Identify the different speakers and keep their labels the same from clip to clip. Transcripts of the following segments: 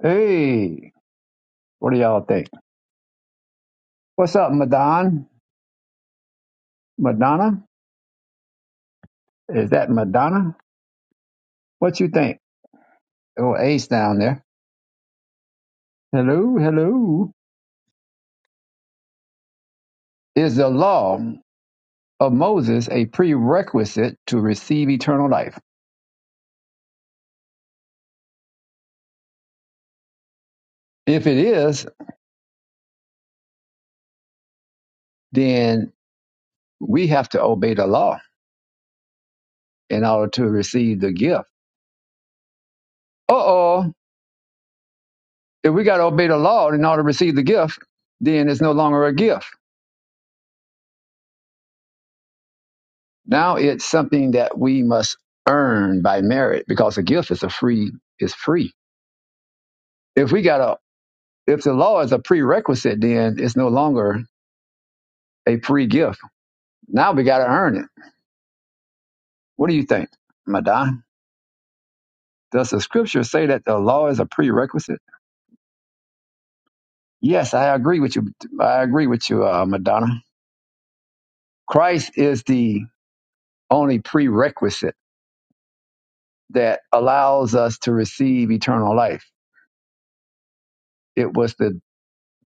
Speaker 1: Hey, what do y'all think? What's up, Madon? Madonna? Is that Madonna? What you think? Oh, Ace down there. Hello, hello. Is the law of Moses a prerequisite to receive eternal life? If it is, then we have to obey the law in order to receive the gift. Uh oh. If we got to obey the law in order to receive the gift, then it's no longer a gift. Now it's something that we must earn by merit because a gift is a free is free. If we got a if the law is a prerequisite, then it's no longer a free gift. Now we got to earn it. What do you think, Madonna? Does the scripture say that the law is a prerequisite? Yes, I agree with you. I agree with you, uh, Madonna. Christ is the only prerequisite that allows us to receive eternal life. It was the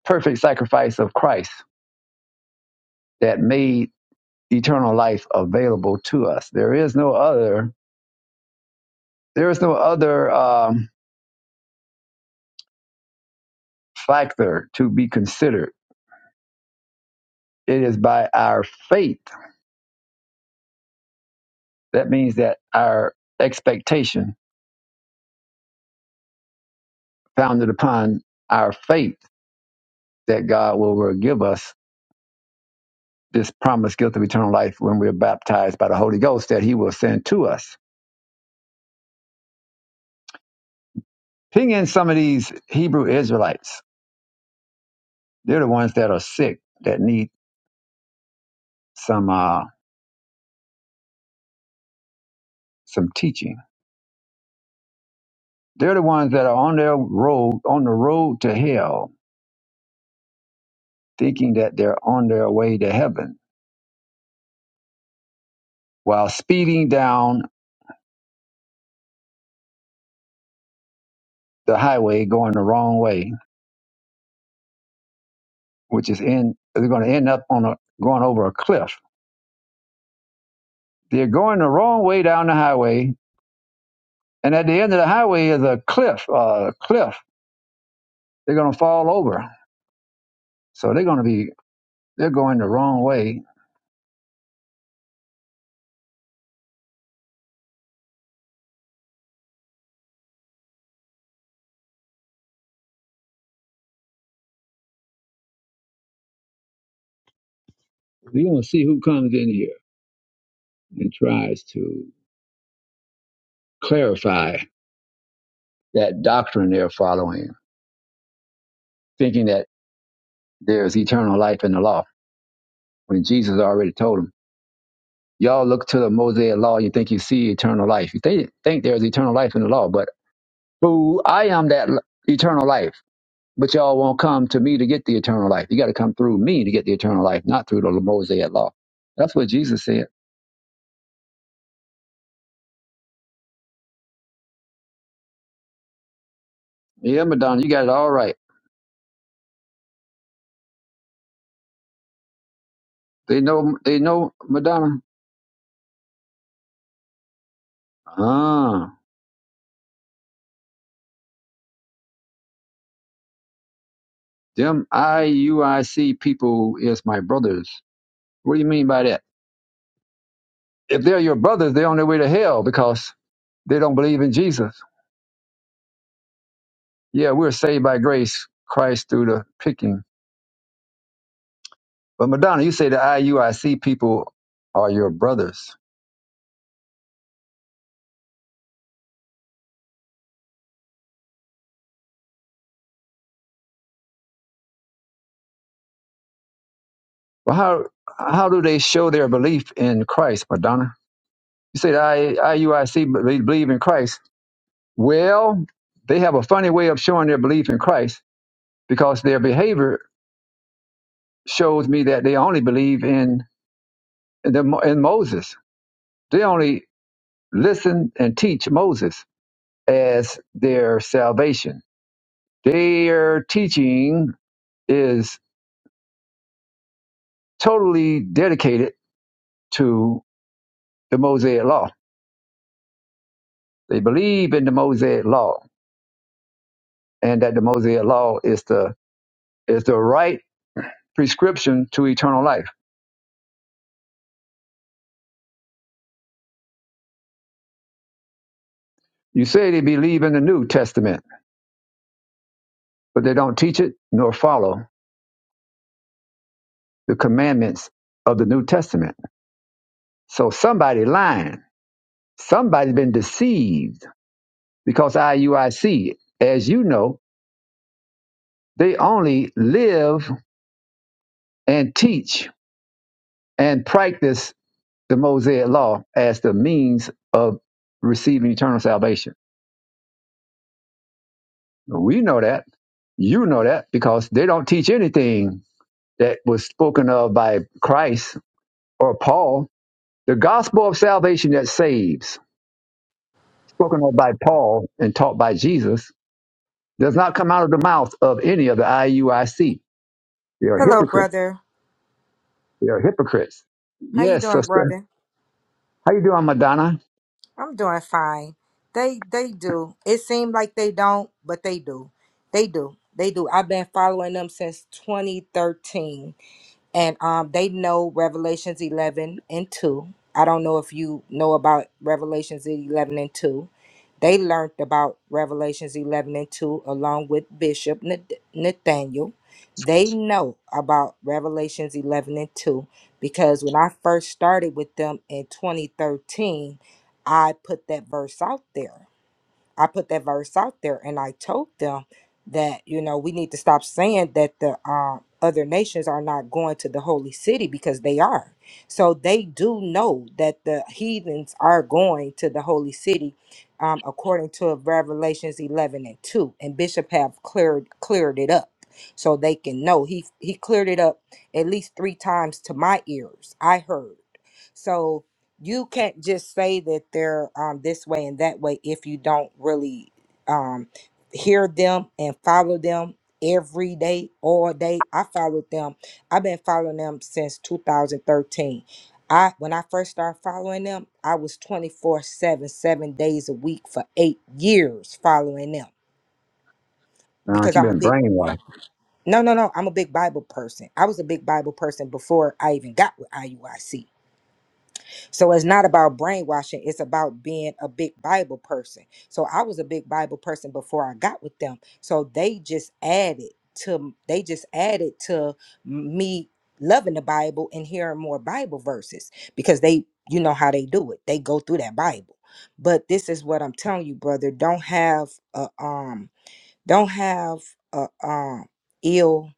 Speaker 1: perfect sacrifice of Christ that made eternal life available to us. There is no other. There is no other um, factor to be considered. It is by our faith. That means that our expectation, founded upon our faith, that God will, will give us this promised gift of eternal life when we are baptized by the Holy Ghost that He will send to us. Ping in some of these Hebrew Israelites. They're the ones that are sick that need some uh, some teaching They're the ones that are on their road, on the road to hell, thinking that they're on their way to heaven while speeding down the highway going the wrong way, which is in, they're going to end up on a, going over a cliff. They're going the wrong way down the highway. And at the end of the highway is a cliff, uh, cliff. They're going to fall over. So they're going to be, they're going the wrong way. You're going to see who comes in here and tries to clarify that doctrine they're following, thinking that there's eternal life in the law. When Jesus already told them, y'all look to the Mosaic law, you think you see eternal life. You think, think there's eternal life in the law, but boo, I am that l- eternal life. But y'all won't come to me to get the eternal life. You got to come through me to get the eternal life, not through the Mosaic law. That's what Jesus said. Yeah, Madonna, you got it all right. They know, they know, Madonna. Ah, them IUIC people is my brothers. What do you mean by that? If they're your brothers, they're on their way to hell because They don't believe in Jesus. Yeah, we're saved by grace, Christ through the picking. But Madonna, you say the IUIC people are your brothers. Well, how how do they show their belief in Christ, Madonna? You say the I, IUIC be- believe in Christ. Well, they have a funny way of showing their belief in Christ because their behavior shows me that they only believe in in, the, in Moses. They only listen and teach Moses as their salvation Their teaching is totally dedicated to the Mosaic law. They believe in the Mosaic law and that the Mosaic law is the is the right prescription to eternal life. You say they believe in the New Testament, but they don't teach it nor follow the commandments of the New Testament. So somebody lying, somebody been deceived because IUIC, as you know, they only live and teach and practice the Mosaic law as the means of receiving eternal salvation. We know that. You know that because they don't teach anything that was spoken of by Christ or Paul. The gospel of salvation that saves, spoken of by Paul and taught by Jesus, does not come out of the mouth of any of the IUIC. They are
Speaker 2: Hello,
Speaker 1: hypocrites.
Speaker 2: brother.
Speaker 1: They are hypocrites.
Speaker 2: How you
Speaker 1: Yes,
Speaker 2: doing,
Speaker 1: sister.
Speaker 2: brother?
Speaker 1: How you doing, Madonna?
Speaker 2: I'm doing fine. They they do. It seems like they don't, but they do. They do. They do. I've been following them since 2013. and um, they know Revelations 11 and 2. I don't know if you know about Revelations 11 and 2. They learned about Revelations 11 and 2 along with Bishop Nath- Nathaniel. They know about Revelations 11 and 2 because when I first started with them in 2013, I put that verse out there I put that verse out there and I told them that, you know, we need to stop saying that the um, other nations are not going to the holy city because they are. So they do know that the heathens are going to the holy city um, according to Revelations 11 and 2. And Bishop have cleared cleared it up so they can know. He, he cleared it up at least three times to my ears. I heard. So you can't just say that they're um this way and that way if you don't really um hear them and follow them every day all day i followed them i've been following them since 2013 i when i first started following them i was 24 7 7 days a week for eight years following them
Speaker 1: Uh,
Speaker 2: because
Speaker 1: you've
Speaker 2: i'm a
Speaker 1: been
Speaker 2: big
Speaker 1: brainwashed.
Speaker 2: no no no i'm a big bible person i was a big bible person before i even got with iuic So it's not about brainwashing, it's about being a big Bible person. So I was a big Bible person before I got with them. So they just added to they just added to me loving the Bible and hearing more Bible verses because they you know how they do it. They go through that Bible. But this is what I'm telling you, brother, don't have a um don't have a um ill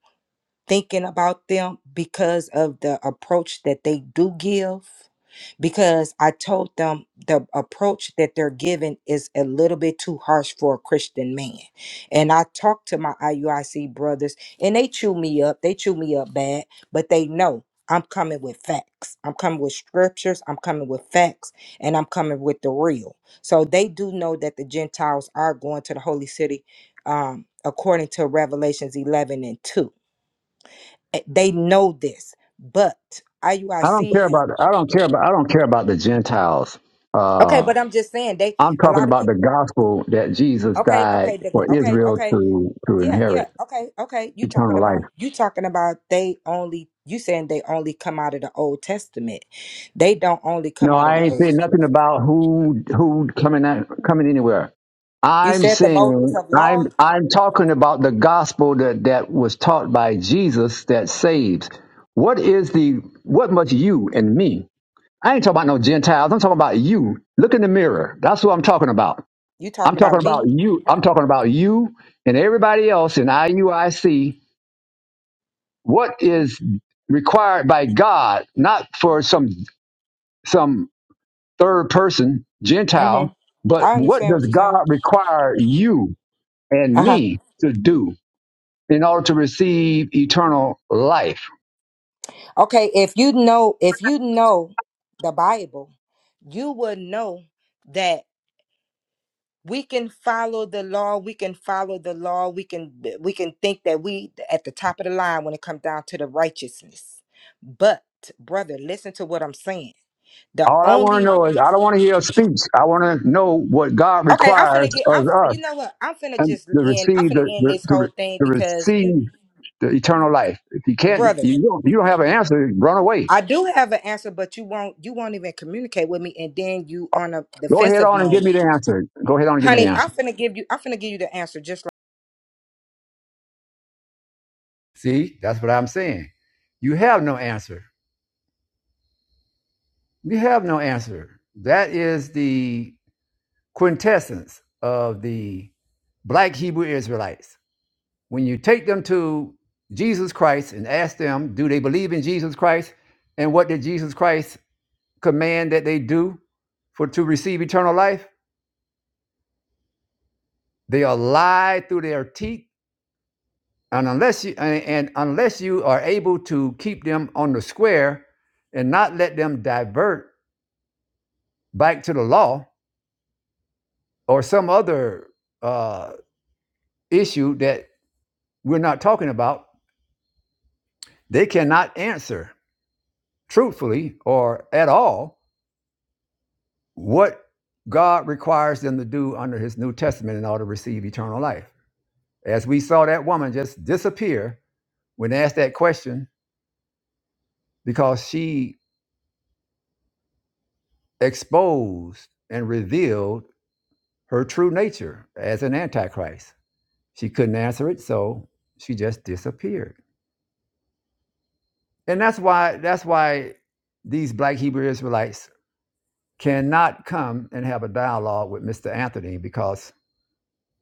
Speaker 2: thinking about them because of the approach that they do give because I told them the approach that they're giving is a little bit too harsh for a Christian man. And I talked to my IUIC brothers and they chew me up. They chew me up bad, but they know I'm coming with facts. I'm coming with scriptures. I'm coming with facts and I'm coming with the real. So they do know that the Gentiles are going to the holy city um, according to Revelations 11 and 2. Eh, They know this, but
Speaker 1: I don't
Speaker 2: IUIC
Speaker 1: care
Speaker 2: had.
Speaker 1: about. I don't care about. I don't care about the Gentiles.
Speaker 2: Okay,
Speaker 1: Uh,
Speaker 2: but I'm just saying they
Speaker 1: I'm
Speaker 2: a
Speaker 1: talking
Speaker 2: lot of
Speaker 1: about the
Speaker 2: people.
Speaker 1: gospel that Jesus
Speaker 2: Okay,
Speaker 1: died
Speaker 2: okay, the,
Speaker 1: for
Speaker 2: okay,
Speaker 1: Israel
Speaker 2: okay,
Speaker 1: to to
Speaker 2: yeah, yeah,
Speaker 1: inherit
Speaker 2: okay, okay. You talking
Speaker 1: eternal life.
Speaker 2: about you talking about they only you saying they only come out of the Old Testament. They don't only
Speaker 1: No,
Speaker 2: come out of
Speaker 1: I
Speaker 2: the
Speaker 1: ain't
Speaker 2: Old.
Speaker 1: saying nothing about who who coming at, coming anywhere.
Speaker 2: You
Speaker 1: I'm
Speaker 2: said the Moses
Speaker 1: saying
Speaker 2: of law.
Speaker 1: I'm I'm talking about the gospel that that was taught by Jesus that saves. What is the what must you and me? I ain't talking about no Gentiles. I'm talking about you. Look in the mirror. That's what I'm talking about.
Speaker 2: You
Speaker 1: I'm
Speaker 2: talking about
Speaker 1: talking about
Speaker 2: me?
Speaker 1: you. I'm talking about you and everybody else in IUIC what is required by God, not for some some third person Gentile,
Speaker 2: Mm-hmm.
Speaker 1: but
Speaker 2: I
Speaker 1: what
Speaker 2: understand
Speaker 1: does
Speaker 2: what you're saying.
Speaker 1: God require you and
Speaker 2: Uh huh.
Speaker 1: me to do in order to receive eternal life?
Speaker 2: Okay, if you know if you know the Bible, you would know that. we can follow the law we can follow the law we can we can think that we at the top of the line when it comes down to the righteousness but brother listen to what i'm saying the
Speaker 1: All I want
Speaker 2: only
Speaker 1: to know is I don't want to hear a speech. I want to know what God
Speaker 2: okay i'm
Speaker 1: requires
Speaker 2: finna get i'm
Speaker 1: of us
Speaker 2: you know what i'm finna
Speaker 1: and
Speaker 2: just
Speaker 1: to
Speaker 2: end i'm
Speaker 1: receive
Speaker 2: finna
Speaker 1: the,
Speaker 2: end
Speaker 1: the
Speaker 2: this
Speaker 1: to,
Speaker 2: whole
Speaker 1: re-
Speaker 2: thing
Speaker 1: to
Speaker 2: because you
Speaker 1: receive the eternal life. If you can't,
Speaker 2: brother
Speaker 1: you don't, you don't have an answer. Run away.
Speaker 2: i do have an answer but you won't you won't even communicate with me and then you on a
Speaker 1: Go ahead
Speaker 2: defensive
Speaker 1: on and give
Speaker 2: mode
Speaker 1: me the answer. Go ahead on and give me the
Speaker 2: honey
Speaker 1: answer.
Speaker 2: i'm finna give you i'm finna give you the answer just
Speaker 1: See, that's what I'm saying. You have no answer. You have no answer. That is the quintessence of the black Hebrew Israelites. When you take them to Jesus Christ and ask them, do they believe in Jesus Christ? And what did Jesus Christ command that they do for to receive eternal life? They are lied through their teeth. And unless you and and unless you are able to keep them on the square and not let them divert back to the law or some other uh, issue that we're not talking about, they cannot answer truthfully or at all what God requires them to do under his New Testament in order to receive eternal life. As we saw that woman just disappear when asked that question because she exposed and revealed her true nature as an antichrist. She couldn't answer it, so she just disappeared. And that's why that's why these black Hebrew Israelites cannot come and have a dialogue with Mr. Anthony because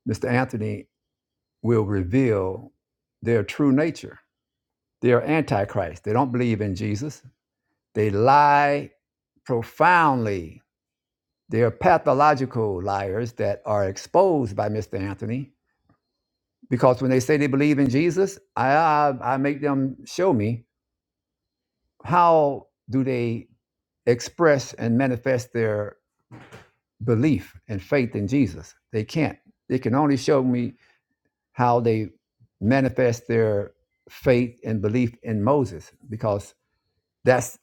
Speaker 1: Mr. Anthony will reveal their true nature. They are antichrist. They don't believe in Jesus. They lie profoundly. They are pathological liars that are exposed by Mr. Anthony because when they say they believe in Jesus, I I, I make them show me how do they express and manifest their belief and faith in Jesus. They can't. They can only show me how they manifest their faith and belief in Moses because that's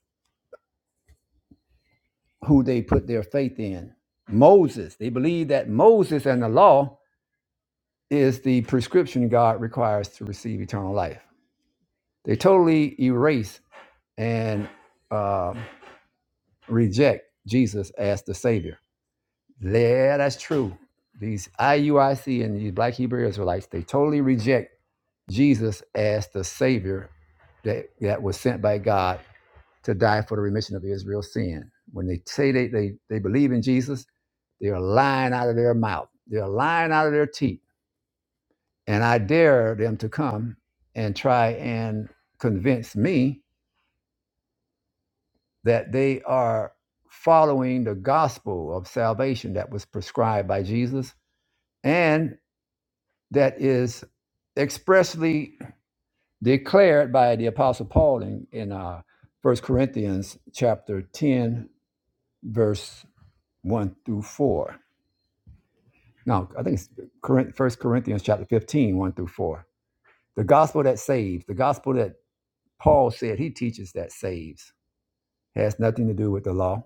Speaker 1: who they put their faith in. Moses. They believe that Moses and the law is the prescription God requires to receive eternal life. They totally erase and uh, reject Jesus as the Savior. Yeah, that's true. These IUIC and these Black Hebrew Israelites, they totally reject Jesus as the Savior that, that was sent by God to die for the remission of Israel's sin. When they say they, they, they believe in Jesus, they are lying out of their mouth, they're lying out of their teeth. And I dare them to come and try and convince me that they are following the gospel of salvation that was prescribed by Jesus and that is expressly declared by the apostle paul in, in uh, 1 corinthians chapter 10 verse 1 through 4 no i think it's First corinthians chapter fifteen, one through 4 the gospel that saves the gospel that paul said he teaches that saves has nothing to do with the law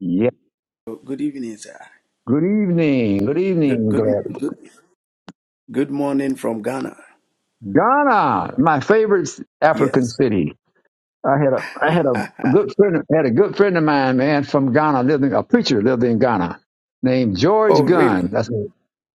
Speaker 1: yeah
Speaker 3: Good evening, sir.
Speaker 1: good evening good
Speaker 3: Good,
Speaker 1: evening glad
Speaker 3: good, good, good morning from Ghana.
Speaker 1: ghana my favorite african
Speaker 3: Yes.
Speaker 1: city I had a I had a good
Speaker 3: oh,
Speaker 1: friend had a good friend of mine, man, from Ghana, living a preacher lived in Ghana, named George Gunn.
Speaker 3: really?
Speaker 1: That's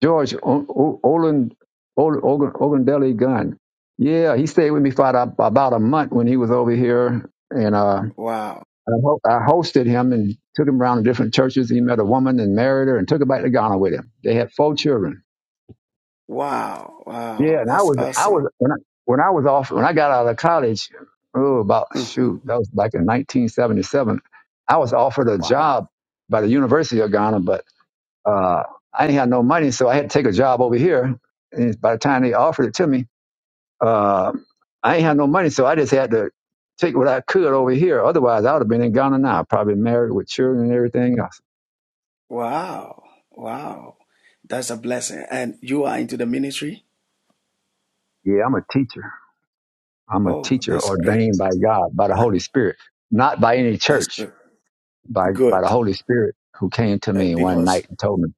Speaker 1: George o- O- Olin Olin Ogun- Ogundele Gunn. Yeah, he stayed with me for about about a month when he was over here, and uh,
Speaker 3: Wow.
Speaker 1: I, ho- I hosted him and took him around to different churches. He met a woman and married her and took her back to Ghana with him. They had four children.
Speaker 3: Wow.
Speaker 1: Yeah,
Speaker 3: Wow.
Speaker 1: and I
Speaker 3: That's
Speaker 1: was, I
Speaker 3: awesome.
Speaker 1: was when I when I was off when I got out of college, oh, about
Speaker 3: hmm
Speaker 1: shoot, that was back in 1977. I was offered a
Speaker 3: Wow.
Speaker 1: job by the University of Ghana, but uh, I didn't have no money, so I had to take a job over here. And by the time they offered it to me, uh, I ain't had no money, so I just had to take what I could over here. Otherwise, I would have been in Ghana now, probably married with children and everything else.
Speaker 3: Wow. Wow. That's a blessing. And you are into the ministry?
Speaker 1: Yeah, I'm a teacher. I'm a
Speaker 3: Oh,
Speaker 1: teacher
Speaker 3: that's great.
Speaker 1: ordained by God, by the Holy Spirit, not by any
Speaker 3: That's
Speaker 1: church.
Speaker 3: good.
Speaker 1: by by the
Speaker 3: Good.
Speaker 1: Holy Spirit who came to
Speaker 3: Uh,
Speaker 1: me one
Speaker 3: because,
Speaker 1: night and told me,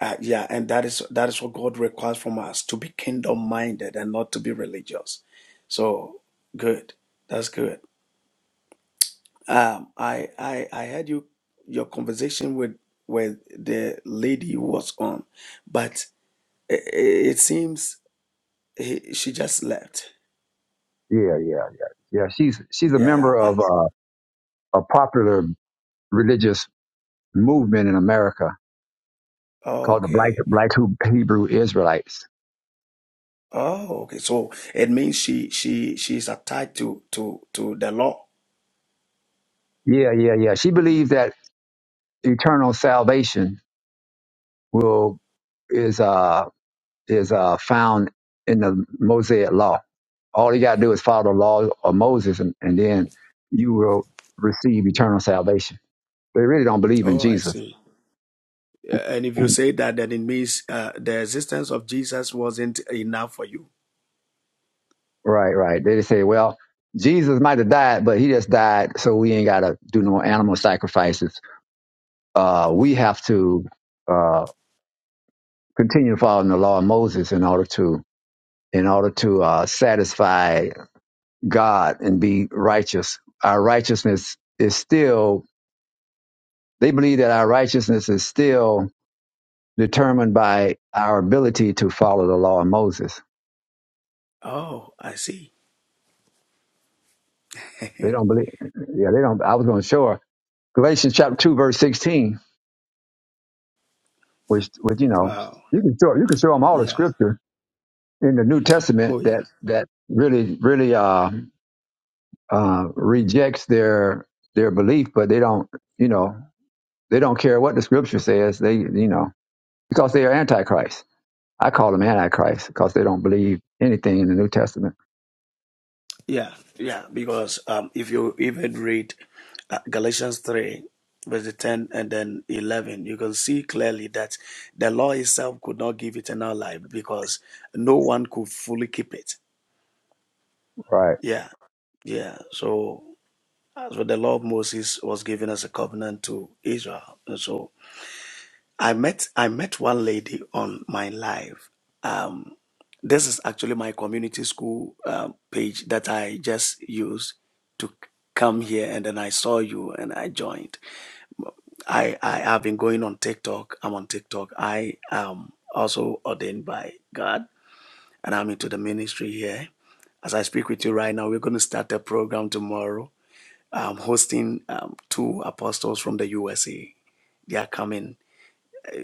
Speaker 3: uh, yeah, and that is that is what God requires from us to be kingdom minded and not to be religious. So, good. That's good. Um, I I I had you your conversation with with the lady who was on, but it, it seems he, she just left.
Speaker 1: yeah, yeah, yeah, yeah. She's she's a
Speaker 3: Yeah.
Speaker 1: member
Speaker 3: I-
Speaker 1: of uh, a popular religious movement in America called the Black
Speaker 3: Okay.
Speaker 1: Black Hebrew Israelites.
Speaker 3: Oh, okay. So it means she she she's attached to to to the law.
Speaker 1: Yeah, yeah, yeah. She believes that eternal salvation will is uh is uh found in the Mosaic law. All you gotta do is follow the law of Moses, and, and then you will receive eternal salvation. They really don't believe in
Speaker 3: Oh, I
Speaker 1: Jesus.
Speaker 3: see. Yeah, And if you say that, then it means uh, the existence of Jesus wasn't enough for you.
Speaker 1: Right, right. They just say, well, Jesus might have died, but he just died, so we ain't got to do no more animal sacrifices. Uh, we have to uh, continue following the law of Moses in order to in order to uh, satisfy God and be righteous. Our righteousness is still. They believe that our righteousness is still determined by our ability to follow the law of Moses.
Speaker 3: Oh, I see.
Speaker 1: They don't believe. Yeah, they don't. I was going to show her Galatians chapter two, verse sixteen which which you know
Speaker 3: Wow.
Speaker 1: you can show you can show them all the
Speaker 3: Yeah.
Speaker 1: scripture in the New Testament
Speaker 3: Oh, yeah.
Speaker 1: that that really really uh, uh, rejects their their belief, but they don't you know they don't care what the scripture says. They you know because they are antichrist. I call them antichrist because they don't believe anything in the New Testament.
Speaker 3: Yeah, yeah, because um, if you even read uh, Galatians 3, verse 10 and then 11, you can see clearly that the law itself could not give eternal life because no one could fully keep it.
Speaker 1: Right.
Speaker 3: Yeah, yeah. So, so the law of Moses was given as a covenant to Israel. And So, I met I met one lady on my live. Um, this is actually my community school um, page that I just used to come here, and then I saw you and I joined. I I have been going on TikTok. I'm on TikTok. I am also ordained by God, and I'm into the ministry here. As I speak with you right now, we're going to start a program tomorrow. I'm hosting um, two apostles from the USA. They are coming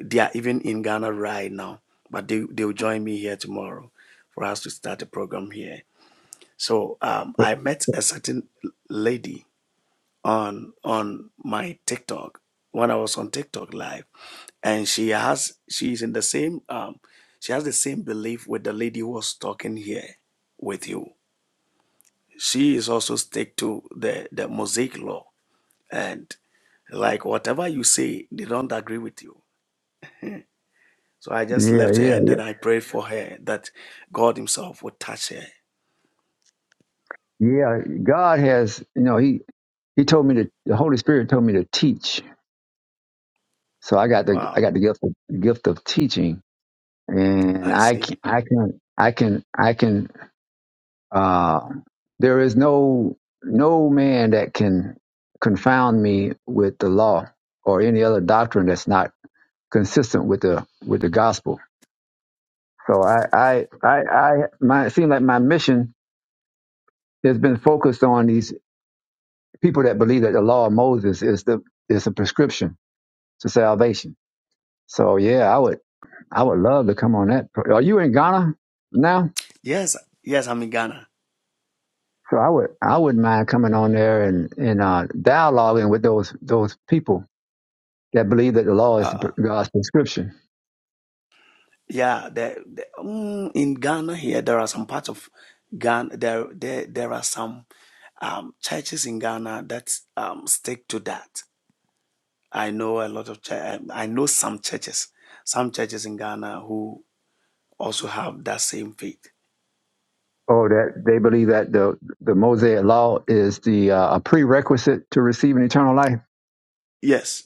Speaker 3: they are even in Ghana right now, but they, they'll join me here tomorrow for us to start a program here. So um, I met a certain lady on on my TikTok when I was on TikTok live, and she has she's in the same um, she has the same belief with the lady who was talking here with you. She is also stick to the the Mosaic law and like whatever you say, they don't agree with you So I just
Speaker 1: Yeah.
Speaker 3: left her
Speaker 1: Yeah.
Speaker 3: and
Speaker 1: Yeah.
Speaker 3: then I prayed for her that God Himself would touch her.
Speaker 1: Yeah. God has you know he he told me to the Holy Spirit told me to teach. So I got the I
Speaker 3: Wow,
Speaker 1: got the gift of, gift of teaching and
Speaker 3: I
Speaker 1: I
Speaker 3: see.
Speaker 1: can, I can, I can, I can. Uh, there is no no man that can confound me with the law or any other doctrine that's not consistent with the with the gospel. So I, I, I, I my it seems like my mission has been focused on these people that believe that the law of Moses is the is a prescription to salvation. So yeah, I would, I would love to come on that. Are you in Ghana now?
Speaker 3: Yes, yes, I'm in Ghana.
Speaker 1: So I would I wouldn't mind coming on there and and uh, dialoguing with those those people that believe that the law is
Speaker 3: Uh,
Speaker 1: God's prescription,
Speaker 3: yeah, the, the, mm, in Ghana here there are some parts of Ghana there there there are some um, churches in Ghana that um, stick to that. I know a lot of chur- um, I know some churches, some churches in Ghana who also have that same faith.
Speaker 1: or that they believe that the the Mosaic law is the uh, a prerequisite to receiving eternal life.
Speaker 3: Yes,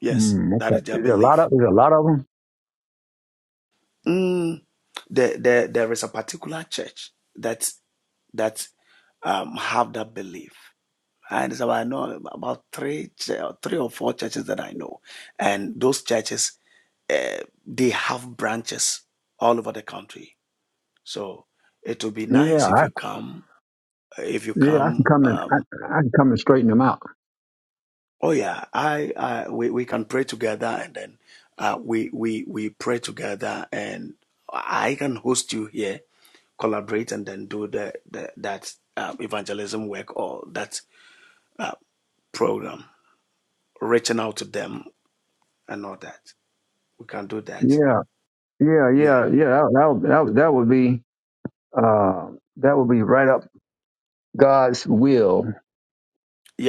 Speaker 3: yes,
Speaker 1: Hmm,
Speaker 3: that
Speaker 1: okay.
Speaker 3: is their
Speaker 1: There's a
Speaker 3: belief.
Speaker 1: lot of there's a lot of them.
Speaker 3: Mm, there, there, there is a particular church that that um, have that belief. And so I know about three, ch- three or four churches that I know, and those churches uh, they have branches all over the country. So it will be
Speaker 1: Yeah,
Speaker 3: nice if
Speaker 1: I,
Speaker 3: you come. If you
Speaker 1: yeah, I can
Speaker 3: come,
Speaker 1: come and
Speaker 3: um,
Speaker 1: I, I can come and straighten them out.
Speaker 3: oh yeah, I, I we, we can pray together, and then uh, we we we pray together, and I can host you here collaborate and then do the, the that uh, evangelism work or that uh, program, reaching out to them and all that. We can do that.
Speaker 1: Yeah, yeah,
Speaker 3: Yeah.
Speaker 1: yeah, yeah. That that that, would- that would be uh, that would be right up God's will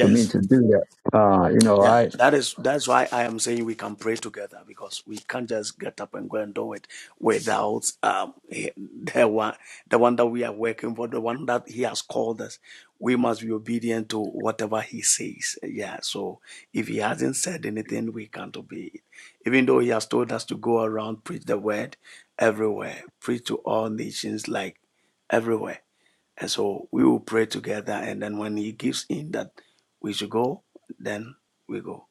Speaker 1: for me to do that. Uh, you know,
Speaker 3: Yeah,
Speaker 1: I.
Speaker 3: that is that's why I am saying we can pray together because we can't just get up and go and do it without um the one the one that we are working for, the one that he has called us. We must be obedient to whatever he says. Yeah. So if he hasn't said anything, we can't obey it. Even though he has told us to go around preach the word everywhere, preach to all nations like everywhere. And so we will pray together. And then when he gives in that we should go, then we go.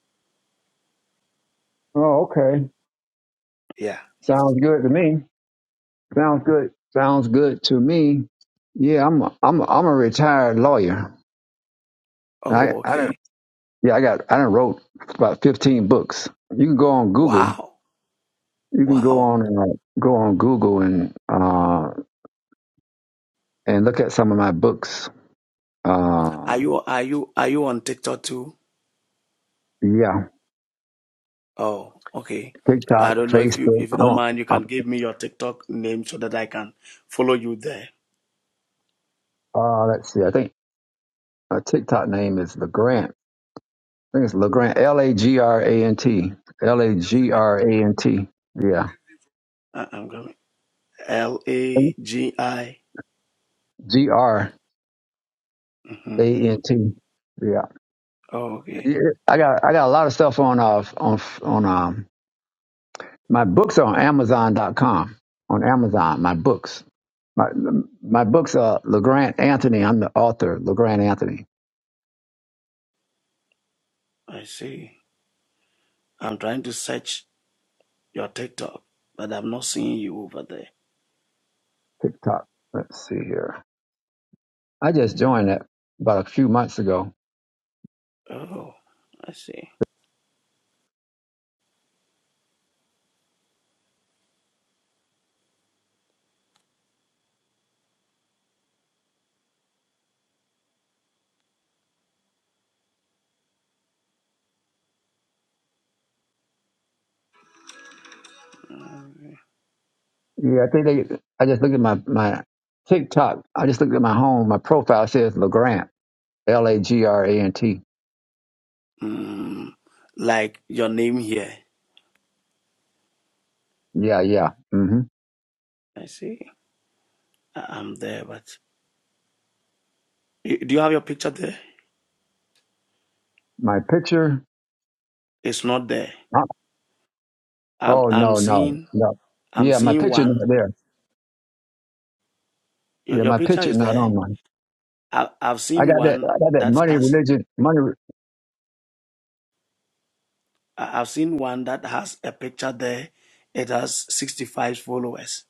Speaker 1: Oh, okay.
Speaker 3: Yeah.
Speaker 1: Sounds good to me. Sounds good. Sounds good to me. Yeah, I'm a, I'm a, I'm a retired lawyer. I
Speaker 3: Oh,
Speaker 1: I don't
Speaker 3: okay.
Speaker 1: yeah I got I done wrote about 15 books. You can go on Google.
Speaker 3: Wow.
Speaker 1: You can go
Speaker 3: Wow.
Speaker 1: on uh, go on Google and uh and look at some of my books.
Speaker 3: Are
Speaker 1: Um,
Speaker 3: you are you are you on TikTok too?
Speaker 1: yeah,
Speaker 3: Oh, okay. I
Speaker 1: TikTok,
Speaker 3: don't know if you
Speaker 1: Facebook.
Speaker 3: if you
Speaker 1: I'm
Speaker 3: don't
Speaker 1: on.
Speaker 3: mind, you
Speaker 1: I'm,
Speaker 3: can give me your TikTok name so that I can follow you there.
Speaker 1: uh, let's see. I think my TikTok name is Legrant. I think it's Legrant. L A G R A N T. L A G R A N T. Yeah.
Speaker 3: I, I'm going L A G I.
Speaker 1: G R A
Speaker 3: Mhm.
Speaker 1: N T. Yeah,
Speaker 3: Oh, okay.
Speaker 1: Yeah, I got I got a lot of stuff on uh on on um my books are on amazon dot com on Amazon my books my my books are Legrand Anthony I'm the author Legrand Anthony
Speaker 3: I see. I'm trying to search your TikTok, but I'm not seeing you over there.
Speaker 1: TikTok let's see here I just
Speaker 3: Yeah.
Speaker 1: joined it about a few months ago
Speaker 3: Oh, I see.
Speaker 1: yeah I think they I just looked at my my TikTok I just looked at my home my profile it says Legrand L A G R A N T
Speaker 3: Mm, like your name here.
Speaker 1: yeah yeah hmm
Speaker 3: I see. I- I'm there, but Y- do you have your picture there?
Speaker 1: my picture
Speaker 3: It's not there. I've,
Speaker 1: Oh
Speaker 3: I'm
Speaker 1: no, no,
Speaker 3: seeing.
Speaker 1: no.
Speaker 3: I'm
Speaker 1: Yeah, my
Speaker 3: seeing
Speaker 1: picture
Speaker 3: one.
Speaker 1: not there.
Speaker 3: Your,
Speaker 1: Yeah,
Speaker 3: your
Speaker 1: my
Speaker 3: picture
Speaker 1: picture
Speaker 3: is
Speaker 1: not
Speaker 3: there.
Speaker 1: on mine.
Speaker 3: I, I've
Speaker 1: I
Speaker 3: seen
Speaker 1: got that.
Speaker 3: one
Speaker 1: I got that
Speaker 3: that
Speaker 1: money
Speaker 3: has.
Speaker 1: religion money.
Speaker 3: I- I've seen one that has a picture there. It has 65 followers.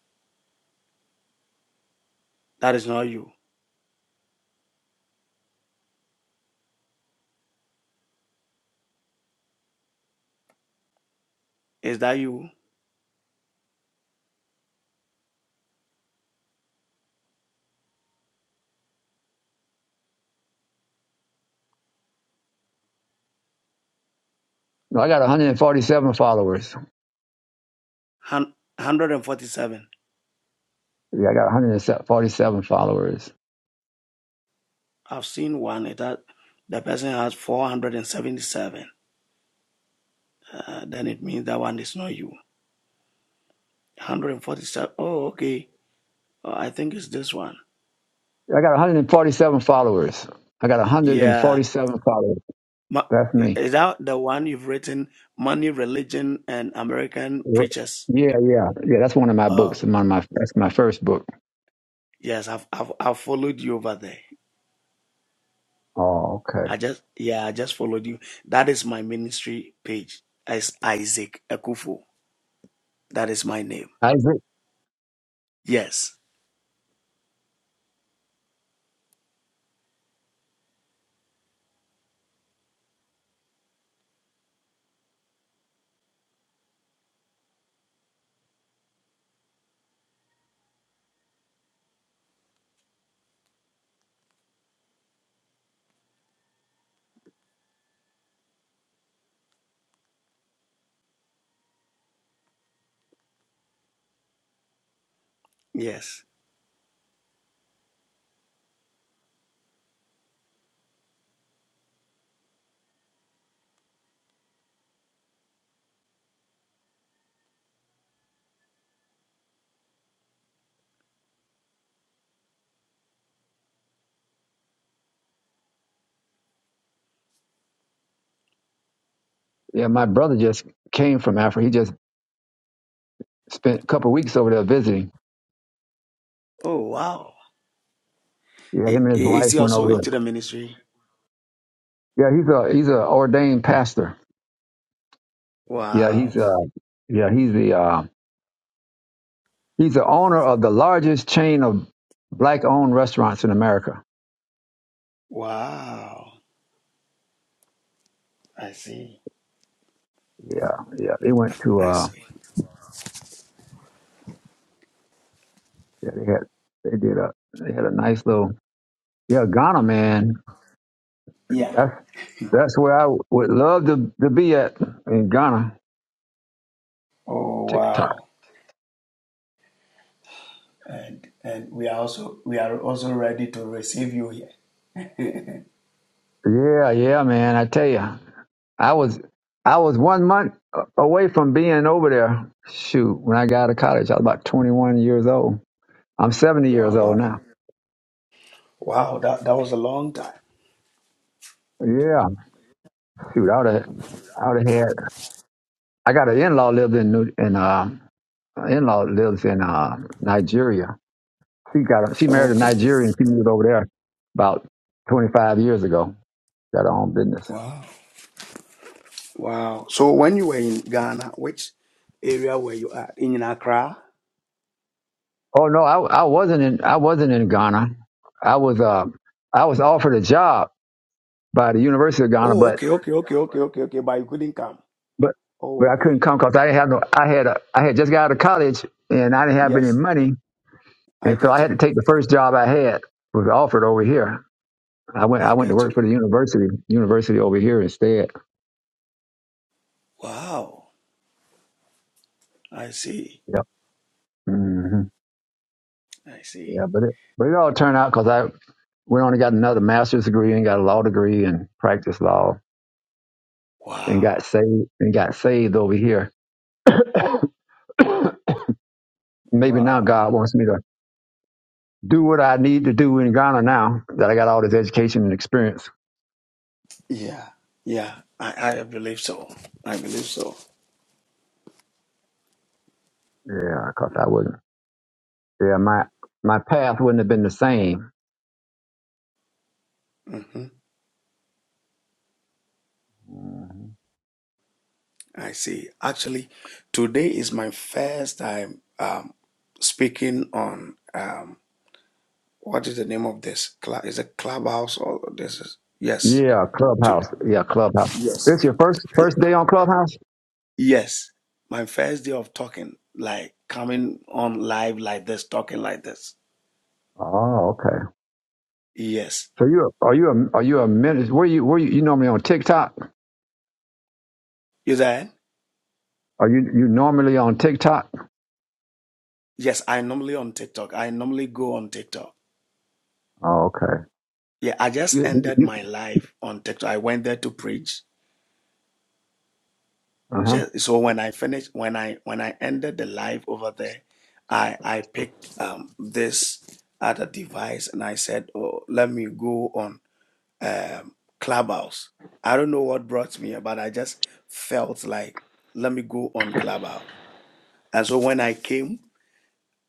Speaker 3: That is not you. Is that you?
Speaker 1: No, I got 147 followers.
Speaker 3: Hun- 147.
Speaker 1: Yeah, I got 147 followers.
Speaker 3: I've seen one. It has. The person has 477. Uh, then it means that one is not you. 147. Oh, okay. Oh, I think it's this one.
Speaker 1: I got 147 followers. I got
Speaker 3: Yeah.
Speaker 1: 147 followers.
Speaker 3: Ma-
Speaker 1: That's me.
Speaker 3: is that the one you've written, Money, Religion, and American
Speaker 1: Yeah,
Speaker 3: Preachers?
Speaker 1: yeah, yeah. That's one of my books.
Speaker 3: Oh,
Speaker 1: One of my that's my first book.
Speaker 3: yes. I've, I've, I've followed you over there.
Speaker 1: Oh, okay.
Speaker 3: I just, yeah, I just followed you. That is my ministry page. It's Isaac Ekufu. That is my name.
Speaker 1: I
Speaker 3: Yes. Yes.
Speaker 1: Yeah, my brother just came from Africa. He just spent a couple of weeks over there visiting.
Speaker 3: Oh, wow.
Speaker 1: Yeah,
Speaker 3: I-
Speaker 1: him and his
Speaker 3: i- Is
Speaker 1: wife
Speaker 3: he
Speaker 1: went
Speaker 3: also
Speaker 1: over
Speaker 3: into the ministry?
Speaker 1: Yeah, he's a he's a ordained pastor. Yeah, he's
Speaker 3: Wow.
Speaker 1: uh yeah he's the uh, he's the owner of the largest chain of black owned restaurants in America.
Speaker 3: Wow. I see.
Speaker 1: Yeah, yeah. They went to
Speaker 3: I
Speaker 1: uh
Speaker 3: see.
Speaker 1: yeah, they had they did a they had a nice little yeah Ghana man.
Speaker 3: Yeah.
Speaker 1: That's that's where I would love to to be at in Ghana.
Speaker 3: Oh,
Speaker 1: TikTok.
Speaker 3: wow. and and we are also we are also ready to receive you here.
Speaker 1: Yeah, yeah, man. I tell you, I was I was one month a- away from being over there. Shoot, when I got out of college, I was about 21 years old. I'm 70 years old
Speaker 3: Wow,
Speaker 1: now.
Speaker 3: wow, that that was a long time.
Speaker 1: Yeah, shoot, I would have, I would have had. I got an in-law lived in New, in uh, an in-law lives in uh, Nigeria. She got, a, she married a
Speaker 3: Okay,
Speaker 1: Nigerian. She moved over there about 25 years ago. Got her own business.
Speaker 3: wow, wow. So when you were in Ghana, which area were you at? In Accra.
Speaker 1: Oh no, I, I wasn't in, I wasn't in Ghana. I was, uh, I was offered a job by the University of Ghana,
Speaker 3: Oh,
Speaker 1: but,
Speaker 3: okay, okay, okay, okay, okay, okay. But you couldn't come.
Speaker 1: but,
Speaker 3: Oh,
Speaker 1: but I
Speaker 3: okay.
Speaker 1: couldn't come because I didn't have no, I had, a, I had just got out of college and I didn't have any
Speaker 3: Yes,
Speaker 1: money
Speaker 3: I
Speaker 1: And so I
Speaker 3: get
Speaker 1: had to
Speaker 3: you.
Speaker 1: take the first job I had was offered over here. I went
Speaker 3: I
Speaker 1: I went to
Speaker 3: get
Speaker 1: work
Speaker 3: you.
Speaker 1: for the university university over here instead.
Speaker 3: Wow, I see.
Speaker 1: Yeah. hmm
Speaker 3: I see.
Speaker 1: Yeah, but it but it all turned out because I went on and got another master's degree and got a law degree and practiced law and got
Speaker 3: Wow,
Speaker 1: saved and got saved over here. Maybe now
Speaker 3: wow.
Speaker 1: God wants me to do what I need to do in Ghana now that I got all this education and experience.
Speaker 3: Yeah, yeah. I I believe so. I believe so.
Speaker 1: Yeah, because I wouldn't. Yeah, my my path wouldn't have been the same.
Speaker 3: Mm-hmm. I see. Actually, today is my first time um, speaking on um, what is the name of this club? Is it clubhouse or this is yes.
Speaker 1: Yeah,
Speaker 3: To,
Speaker 1: Clubhouse. Yeah, Clubhouse. This
Speaker 3: yes.
Speaker 1: your first
Speaker 3: Ye-
Speaker 1: first day on Clubhouse?
Speaker 3: Yes. My first day of talking, like coming on live like this, talking like this.
Speaker 1: Oh, okay.
Speaker 3: Yes.
Speaker 1: So you are you a are you a minister? Where you where you, you normally on TikTok?
Speaker 3: You there?
Speaker 1: Are you you normally on TikTok?
Speaker 3: Yes, I normally on TikTok. I normally go on TikTok.
Speaker 1: Oh, okay.
Speaker 3: Yeah, I just
Speaker 1: You,
Speaker 3: ended
Speaker 1: you,
Speaker 3: my live on TikTok. I went there to preach
Speaker 1: uh huh.
Speaker 3: Just, so when I finished, when I when I ended the live over there, I I picked um, this other device and I said, "Oh, let me go on um, Clubhouse." I don't know what brought me, but I just felt like let me go on Clubhouse. And so when I came,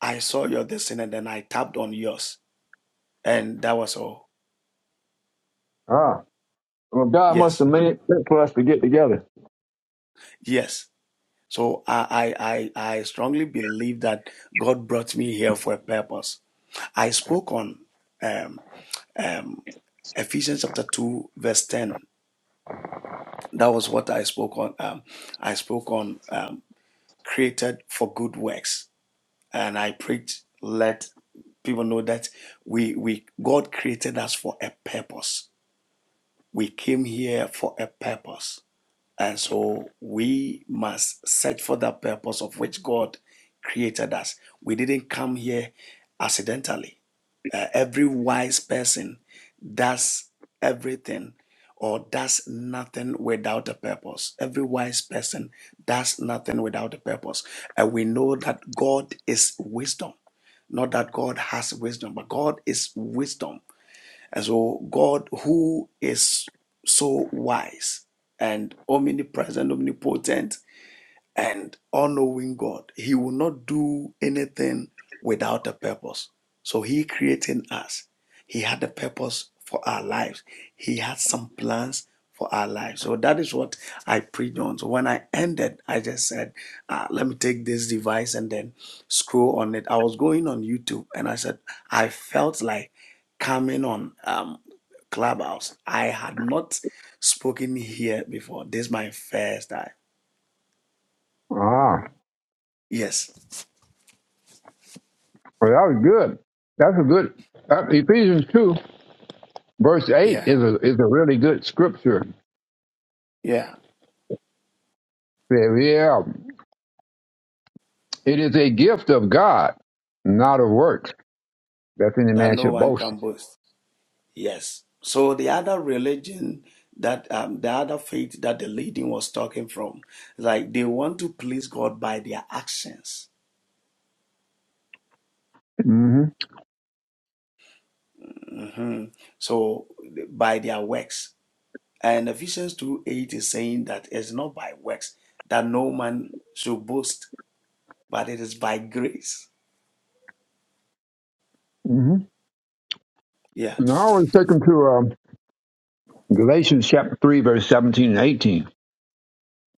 Speaker 3: I saw your destiny, and then I tapped on yours, and that was all.
Speaker 1: Ah, well, God must
Speaker 3: Yes,
Speaker 1: have made it for us to get together.
Speaker 3: yes. So I I I, I strongly believe that God brought me here for a purpose I spoke on um, um, Ephesians chapter 2, verse 10. That was what I spoke on. Um, I spoke on um, created for good works. And I preached, let people know that we, we God created us for a purpose. We came here for a purpose. And so we must search for that purpose of which God created us. We didn't come here accidentally Uh, every wise person does everything or does nothing without a purpose. Every wise person does nothing without a purpose. And we know that God is wisdom. Not that God has wisdom, but God is wisdom. And so, God, who is so wise and omnipresent, omnipotent, and all knowing God, He will not do anything without a purpose. So He created us. He had a purpose for our lives. He had some plans for our lives. So that is what I preached on. So when I ended, I just said, uh, let me take this device and then scroll on it. I was going on YouTube and I said, I felt like coming on um, Clubhouse. I had not spoken here before. This is my first time.
Speaker 1: Ah,
Speaker 3: Yes.
Speaker 1: well, that was good. That's a good. Uh, Ephesians two verse eight
Speaker 3: Yeah.
Speaker 1: is a is a really good scripture.
Speaker 3: Yeah,
Speaker 1: Yeah, yeah. it is a gift of God, not of works. That any
Speaker 3: that
Speaker 1: man
Speaker 3: no
Speaker 1: should
Speaker 3: one
Speaker 1: boast.
Speaker 3: can boast. Yes. So the other religion that um, the other faith that the leading was talking from, like they want to please God by their actions.
Speaker 1: Mm-hmm.
Speaker 3: hmm So by their works. And Ephesians 2 8 is saying that it's not by works that no man should boast, but it is by grace.
Speaker 1: hmm
Speaker 3: Yeah.
Speaker 1: Now I want to take them to uh, Galatians chapter 3, verse 17 and 18,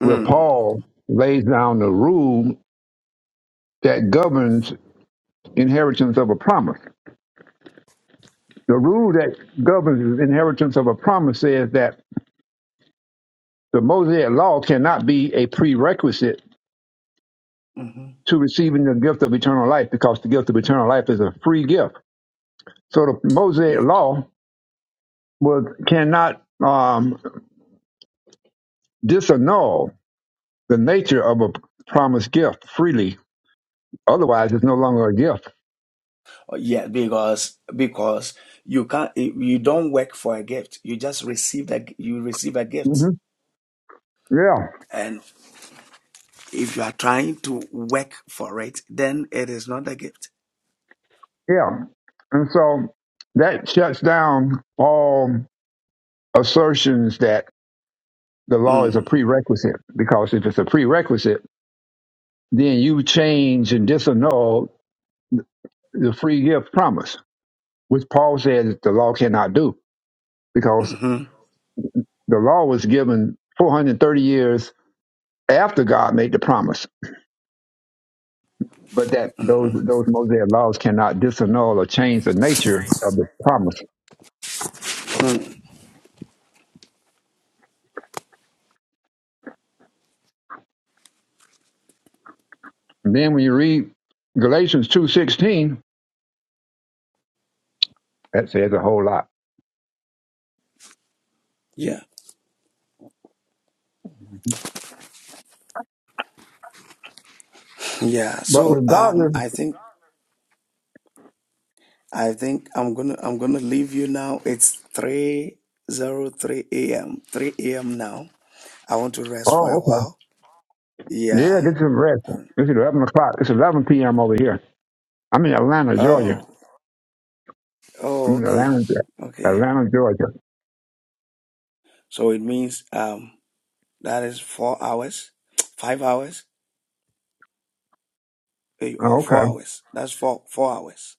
Speaker 1: where
Speaker 3: Mm.
Speaker 1: Paul lays down the rule that governs inheritance of a promise. The rule that governs inheritance of a promise says that the Mosaic law cannot be a prerequisite
Speaker 3: hmm
Speaker 1: to receiving the gift of eternal life because the gift of eternal life is a free gift. So the Mosaic law was, cannot um, disannul the nature of a promised gift freely Otherwise, it's no longer a gift.
Speaker 3: Uh, Yeah, because because you can't you don't work for a gift. You just receive a you receive a gift,
Speaker 1: hmm Yeah,
Speaker 3: and if you are trying to work for it, then it is not a gift.
Speaker 1: yeah. And so that shuts down all assertions that the law is a
Speaker 3: Mm.
Speaker 1: prerequisite, because if it's a prerequisite, then you change and disannul the free gift promise, which Paul says that the law cannot do, because
Speaker 3: hmm
Speaker 1: the law was given 430 years after God made the promise. But that those those Mosaic laws cannot disannul or change the nature of the promise. And then when you read Galatians two sixteen, that says a whole lot.
Speaker 3: Yeah, yeah.
Speaker 1: But
Speaker 3: So um,
Speaker 1: regardless,
Speaker 3: I think I think I'm gonna I'm gonna leave you now. It's three zero three a.m. three a.m. now. I want to rest for
Speaker 1: oh
Speaker 3: a
Speaker 1: okay,
Speaker 3: while.
Speaker 1: yeah,
Speaker 3: Yeah.
Speaker 1: this is rest.
Speaker 3: Um,
Speaker 1: This is eleven o'clock. It's eleven p.m. over here. I'm in Atlanta, Georgia.
Speaker 3: oh. Oh.
Speaker 1: I'm in
Speaker 3: Okay.
Speaker 1: Atlanta, Ge-
Speaker 3: Okay.
Speaker 1: Atlanta, Georgia.
Speaker 3: So it means um. That is four hours, five hours, eh, or
Speaker 1: Oh,
Speaker 3: four
Speaker 1: Okay.
Speaker 3: hours. That's four four hours.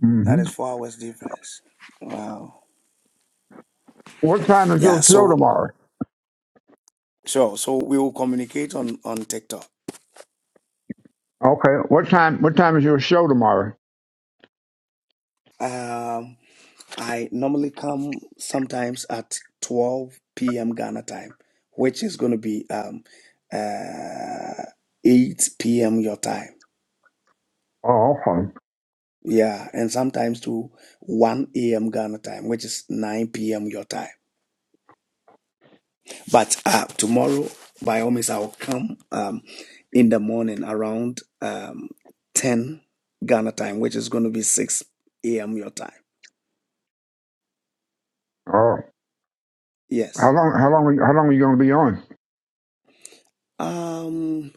Speaker 1: hmm
Speaker 3: That is four hours difference. Wow.
Speaker 1: What time is
Speaker 3: Yeah.
Speaker 1: your show
Speaker 3: So
Speaker 1: tomorrow?
Speaker 3: sure. So we will communicate on on TikTok.
Speaker 1: Okay. What time? What time is your show tomorrow?
Speaker 3: Um, I normally come sometimes at twelve p.m. Ghana time, which is going to be um uh eight p.m. your time.
Speaker 1: Oh, okay.
Speaker 3: Yeah, and sometimes to one a.m. Ghana time, which is nine p.m. your time. But uh, tomorrow, by all means, I will come um, in the morning around um, 10 Ghana time, which is going to be 6 a.m. your time.
Speaker 1: Oh, how
Speaker 3: Yes.
Speaker 1: long? How long? Are you, how long are you going to be on?
Speaker 3: Um,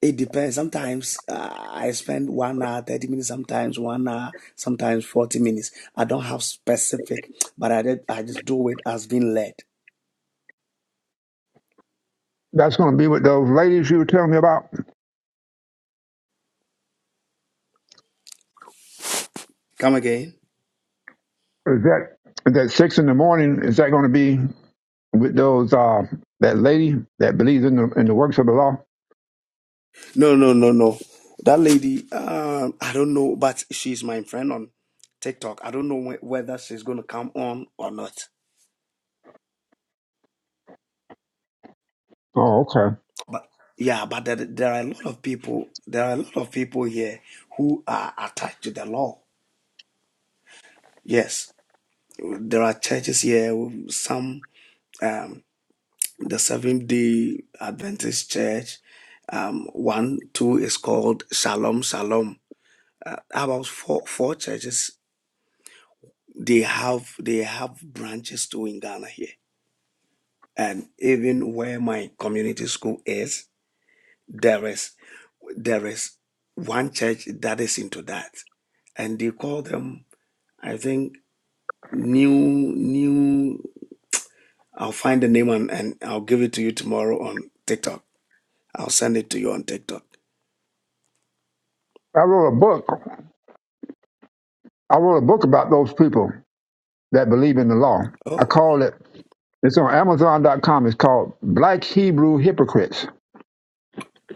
Speaker 3: it depends. Sometimes uh, I spend one hour, 30 minutes, sometimes one hour, sometimes 40 minutes. I don't have specific, but I, did, I just do it as being led.
Speaker 1: That's going to be with those ladies you were telling me about.
Speaker 3: Come again.
Speaker 1: Is that is that six in the morning? Is that going to be? with those uh that lady that believes in the in the works of the law.
Speaker 3: No, no, no, no. That lady, um, I don't know, but she's my friend on TikTok. I don't know wh- whether she's going to come on or not.
Speaker 1: Oh, okay.
Speaker 3: But yeah, but there, there are a lot of people. There are a lot of people here who are attached to the law. Yes, there are churches here. Some, um, the Seventh Day Adventist Church. Um, one, two is called Shalom Shalom. About four, four churches. They have they have branches too in Ghana here and even where my community school is, there is there is one church that is into that, and they call them, I think, new new. I'll find the name and, and I'll give it to you tomorrow on TikTok. I'll send it to you on TikTok.
Speaker 1: I wrote a book. I wrote a book about those people that believe in the law. I
Speaker 3: Oh,
Speaker 1: call it. It's on Amazon dot com. It's called Black Hebrew Hypocrites.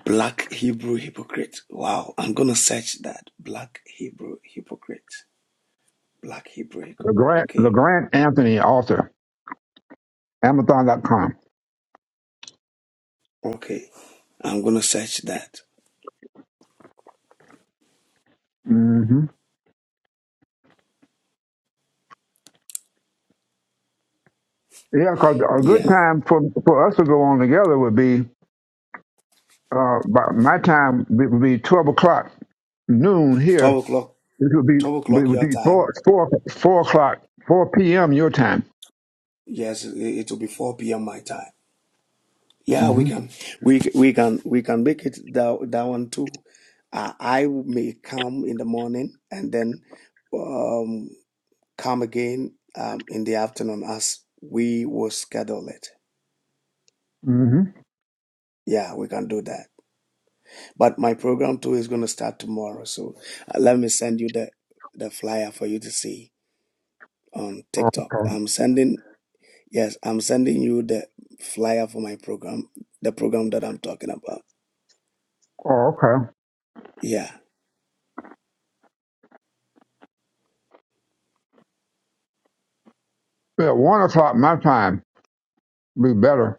Speaker 3: black Hebrew hypocrite. Wow, I'm gonna search that. Black Hebrew hypocrite. Black Hebrew hypocrite.
Speaker 1: LeGrant
Speaker 3: Okay,
Speaker 1: LeGrant Anthony, author. Amazon dot com.
Speaker 3: okay. I'm gonna search that.
Speaker 1: Mm-hmm. Yeah, because a good
Speaker 3: Yeah,
Speaker 1: time for for us to go on together would be uh, by my time it would be twelve o'clock noon here
Speaker 3: twelve o'clock.
Speaker 1: This would be
Speaker 3: Twelve
Speaker 1: it
Speaker 3: o'clock
Speaker 1: would
Speaker 3: your
Speaker 1: be
Speaker 3: time
Speaker 1: four four four o'clock four p.m. your time.
Speaker 3: Yes, it, will be 4 p.m. my time. Yeah,
Speaker 1: mm
Speaker 3: we
Speaker 1: hmm
Speaker 3: can, we we can, we can make it that that one too. Uh, I may come in the morning and then um, come again um, in the afternoon as we will schedule it.
Speaker 1: mm hmm
Speaker 3: Yeah, we can do that. But my program too is going to start tomorrow, so uh, let me send you the the flyer for you to see on TikTok.
Speaker 1: Okay.
Speaker 3: I'm sending yes, I'm sending you the flyer for my program, the program that I'm talking about.
Speaker 1: Oh, okay.
Speaker 3: Yeah,
Speaker 1: Yeah, one o'clock my time would be better.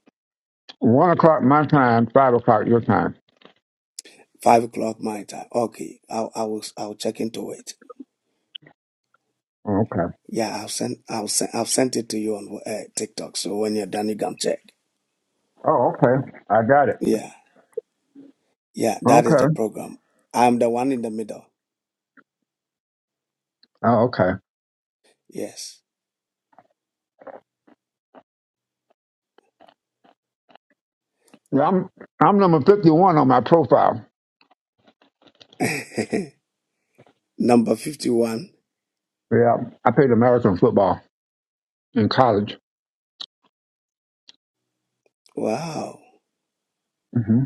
Speaker 1: One o'clock my time, five o'clock your time.
Speaker 3: five o'clock my time. Okay, I'll I will I'll check into it.
Speaker 1: Okay.
Speaker 3: Yeah, I'll send I'll send I've sent it to you on uh, TikTok. So when you're done, you can check.
Speaker 1: Oh, okay. I got it.
Speaker 3: Yeah, yeah, that is
Speaker 1: Okay.
Speaker 3: the program. I'm the one in the middle.
Speaker 1: Oh, okay.
Speaker 3: Yes,
Speaker 1: Yeah, I'm I'm number fifty one on my profile.
Speaker 3: number fifty-one.
Speaker 1: Yeah, I played American football in college.
Speaker 3: Wow,
Speaker 1: mm hmm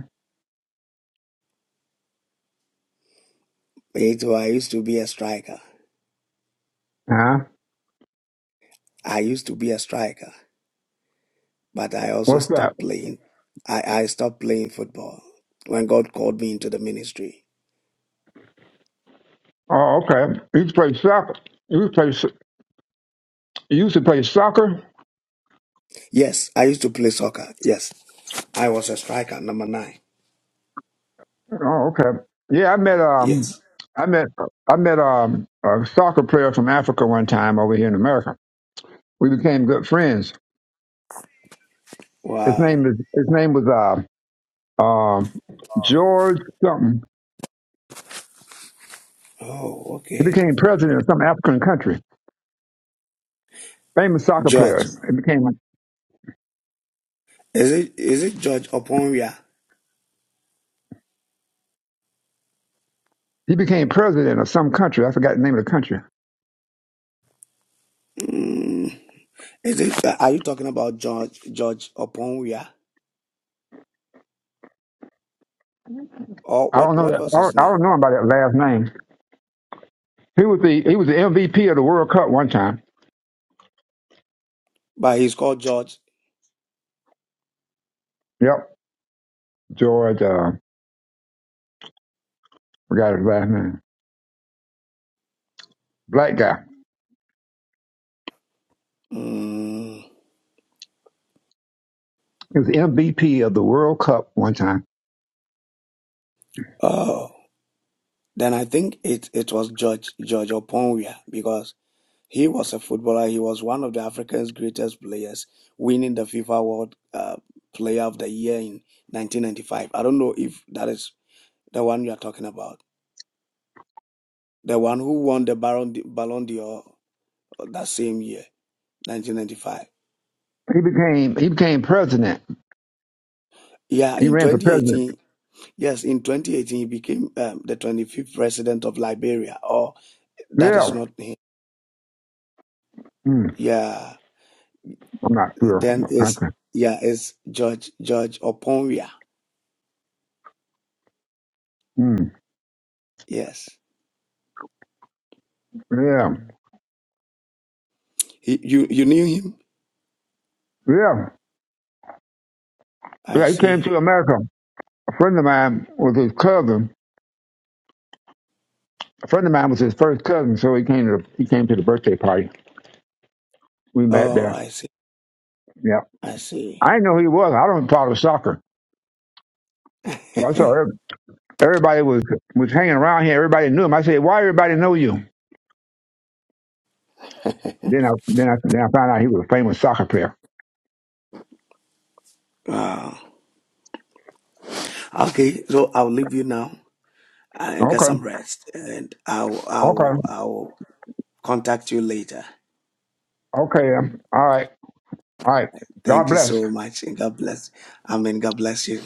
Speaker 3: it, I used to be a striker.
Speaker 1: Huh?
Speaker 3: I used to be a striker, but I also
Speaker 1: What's that?
Speaker 3: stopped playing. I I stopped playing football when God called me into the ministry.
Speaker 1: Oh, okay. You used to play soccer. You used to play. so- You used to play soccer.
Speaker 3: Yes, I used to play soccer. Yes, I was a striker, number nine.
Speaker 1: Oh, okay. Yeah, I met um,
Speaker 3: Yes.
Speaker 1: I met I met um a soccer player from Africa one time over here in America. We became good friends. His
Speaker 3: Wow.
Speaker 1: name is his name was uh, um George something.
Speaker 3: Oh,
Speaker 1: He
Speaker 3: okay.
Speaker 1: became president of some African country. Famous soccer
Speaker 3: George.
Speaker 1: player. He became
Speaker 3: Is it is it George Oponwia?
Speaker 1: he became president of some country. I forgot the name of the country.
Speaker 3: Mm, is it uh, are you talking about George George Oponwia? Or
Speaker 1: I don't
Speaker 3: what
Speaker 1: know
Speaker 3: what
Speaker 1: that.
Speaker 3: was
Speaker 1: I
Speaker 3: his
Speaker 1: don't, I
Speaker 3: name?
Speaker 1: don't know about that last name. He was the he was the MVP of the World Cup one time.
Speaker 3: But he's called George.
Speaker 1: Yep, George. Uh, forgot his last name. Black guy.
Speaker 3: Mm,
Speaker 1: He was MVP of the World Cup one time.
Speaker 3: oh. Then I think it, it was George George Oponwia because he was a footballer. He was one of the Africans' greatest players, winning the FIFA World uh, Player of the Year in 1995. I don't know if that is the one you are talking about. the one who won the Baron Ballon d'Or that same year, 1995.
Speaker 1: He became he became president.
Speaker 3: Yeah,
Speaker 1: He
Speaker 3: in
Speaker 1: ran for president.
Speaker 3: 2018, yes, in 2018 he became um, the 25th president of Liberia. Or that is
Speaker 1: Yeah.
Speaker 3: not him.
Speaker 1: Mm,
Speaker 3: Yeah,
Speaker 1: I'm not sure.
Speaker 3: then is
Speaker 1: Okay.
Speaker 3: yeah is George George Oponwia.
Speaker 1: Mm,
Speaker 3: Yes,
Speaker 1: yeah.
Speaker 3: he, you you knew him.
Speaker 1: Yeah.
Speaker 3: I
Speaker 1: Yeah. He came to
Speaker 3: see.
Speaker 1: America. A friend of mine was his cousin. A friend of mine was his first cousin, so he came to the, he came to the birthday party. We met
Speaker 3: Oh,
Speaker 1: there.
Speaker 3: I see.
Speaker 1: Yeah.
Speaker 3: I
Speaker 1: I
Speaker 3: see.
Speaker 1: didn't know who he was. I don't follow soccer. I saw every- everybody was was hanging around here. Everybody knew him. I said, "Why everybody know you?" Then I then I then I found out he was a famous soccer player.
Speaker 3: wow. Okay, so I'll leave you now and get
Speaker 1: Okay.
Speaker 3: some rest, and I'll
Speaker 1: Okay.
Speaker 3: I'll I'll contact you later.
Speaker 1: Okay. um, All right. All right. God
Speaker 3: Thank you
Speaker 1: bless.
Speaker 3: so much, and God bless. Amen. God bless you.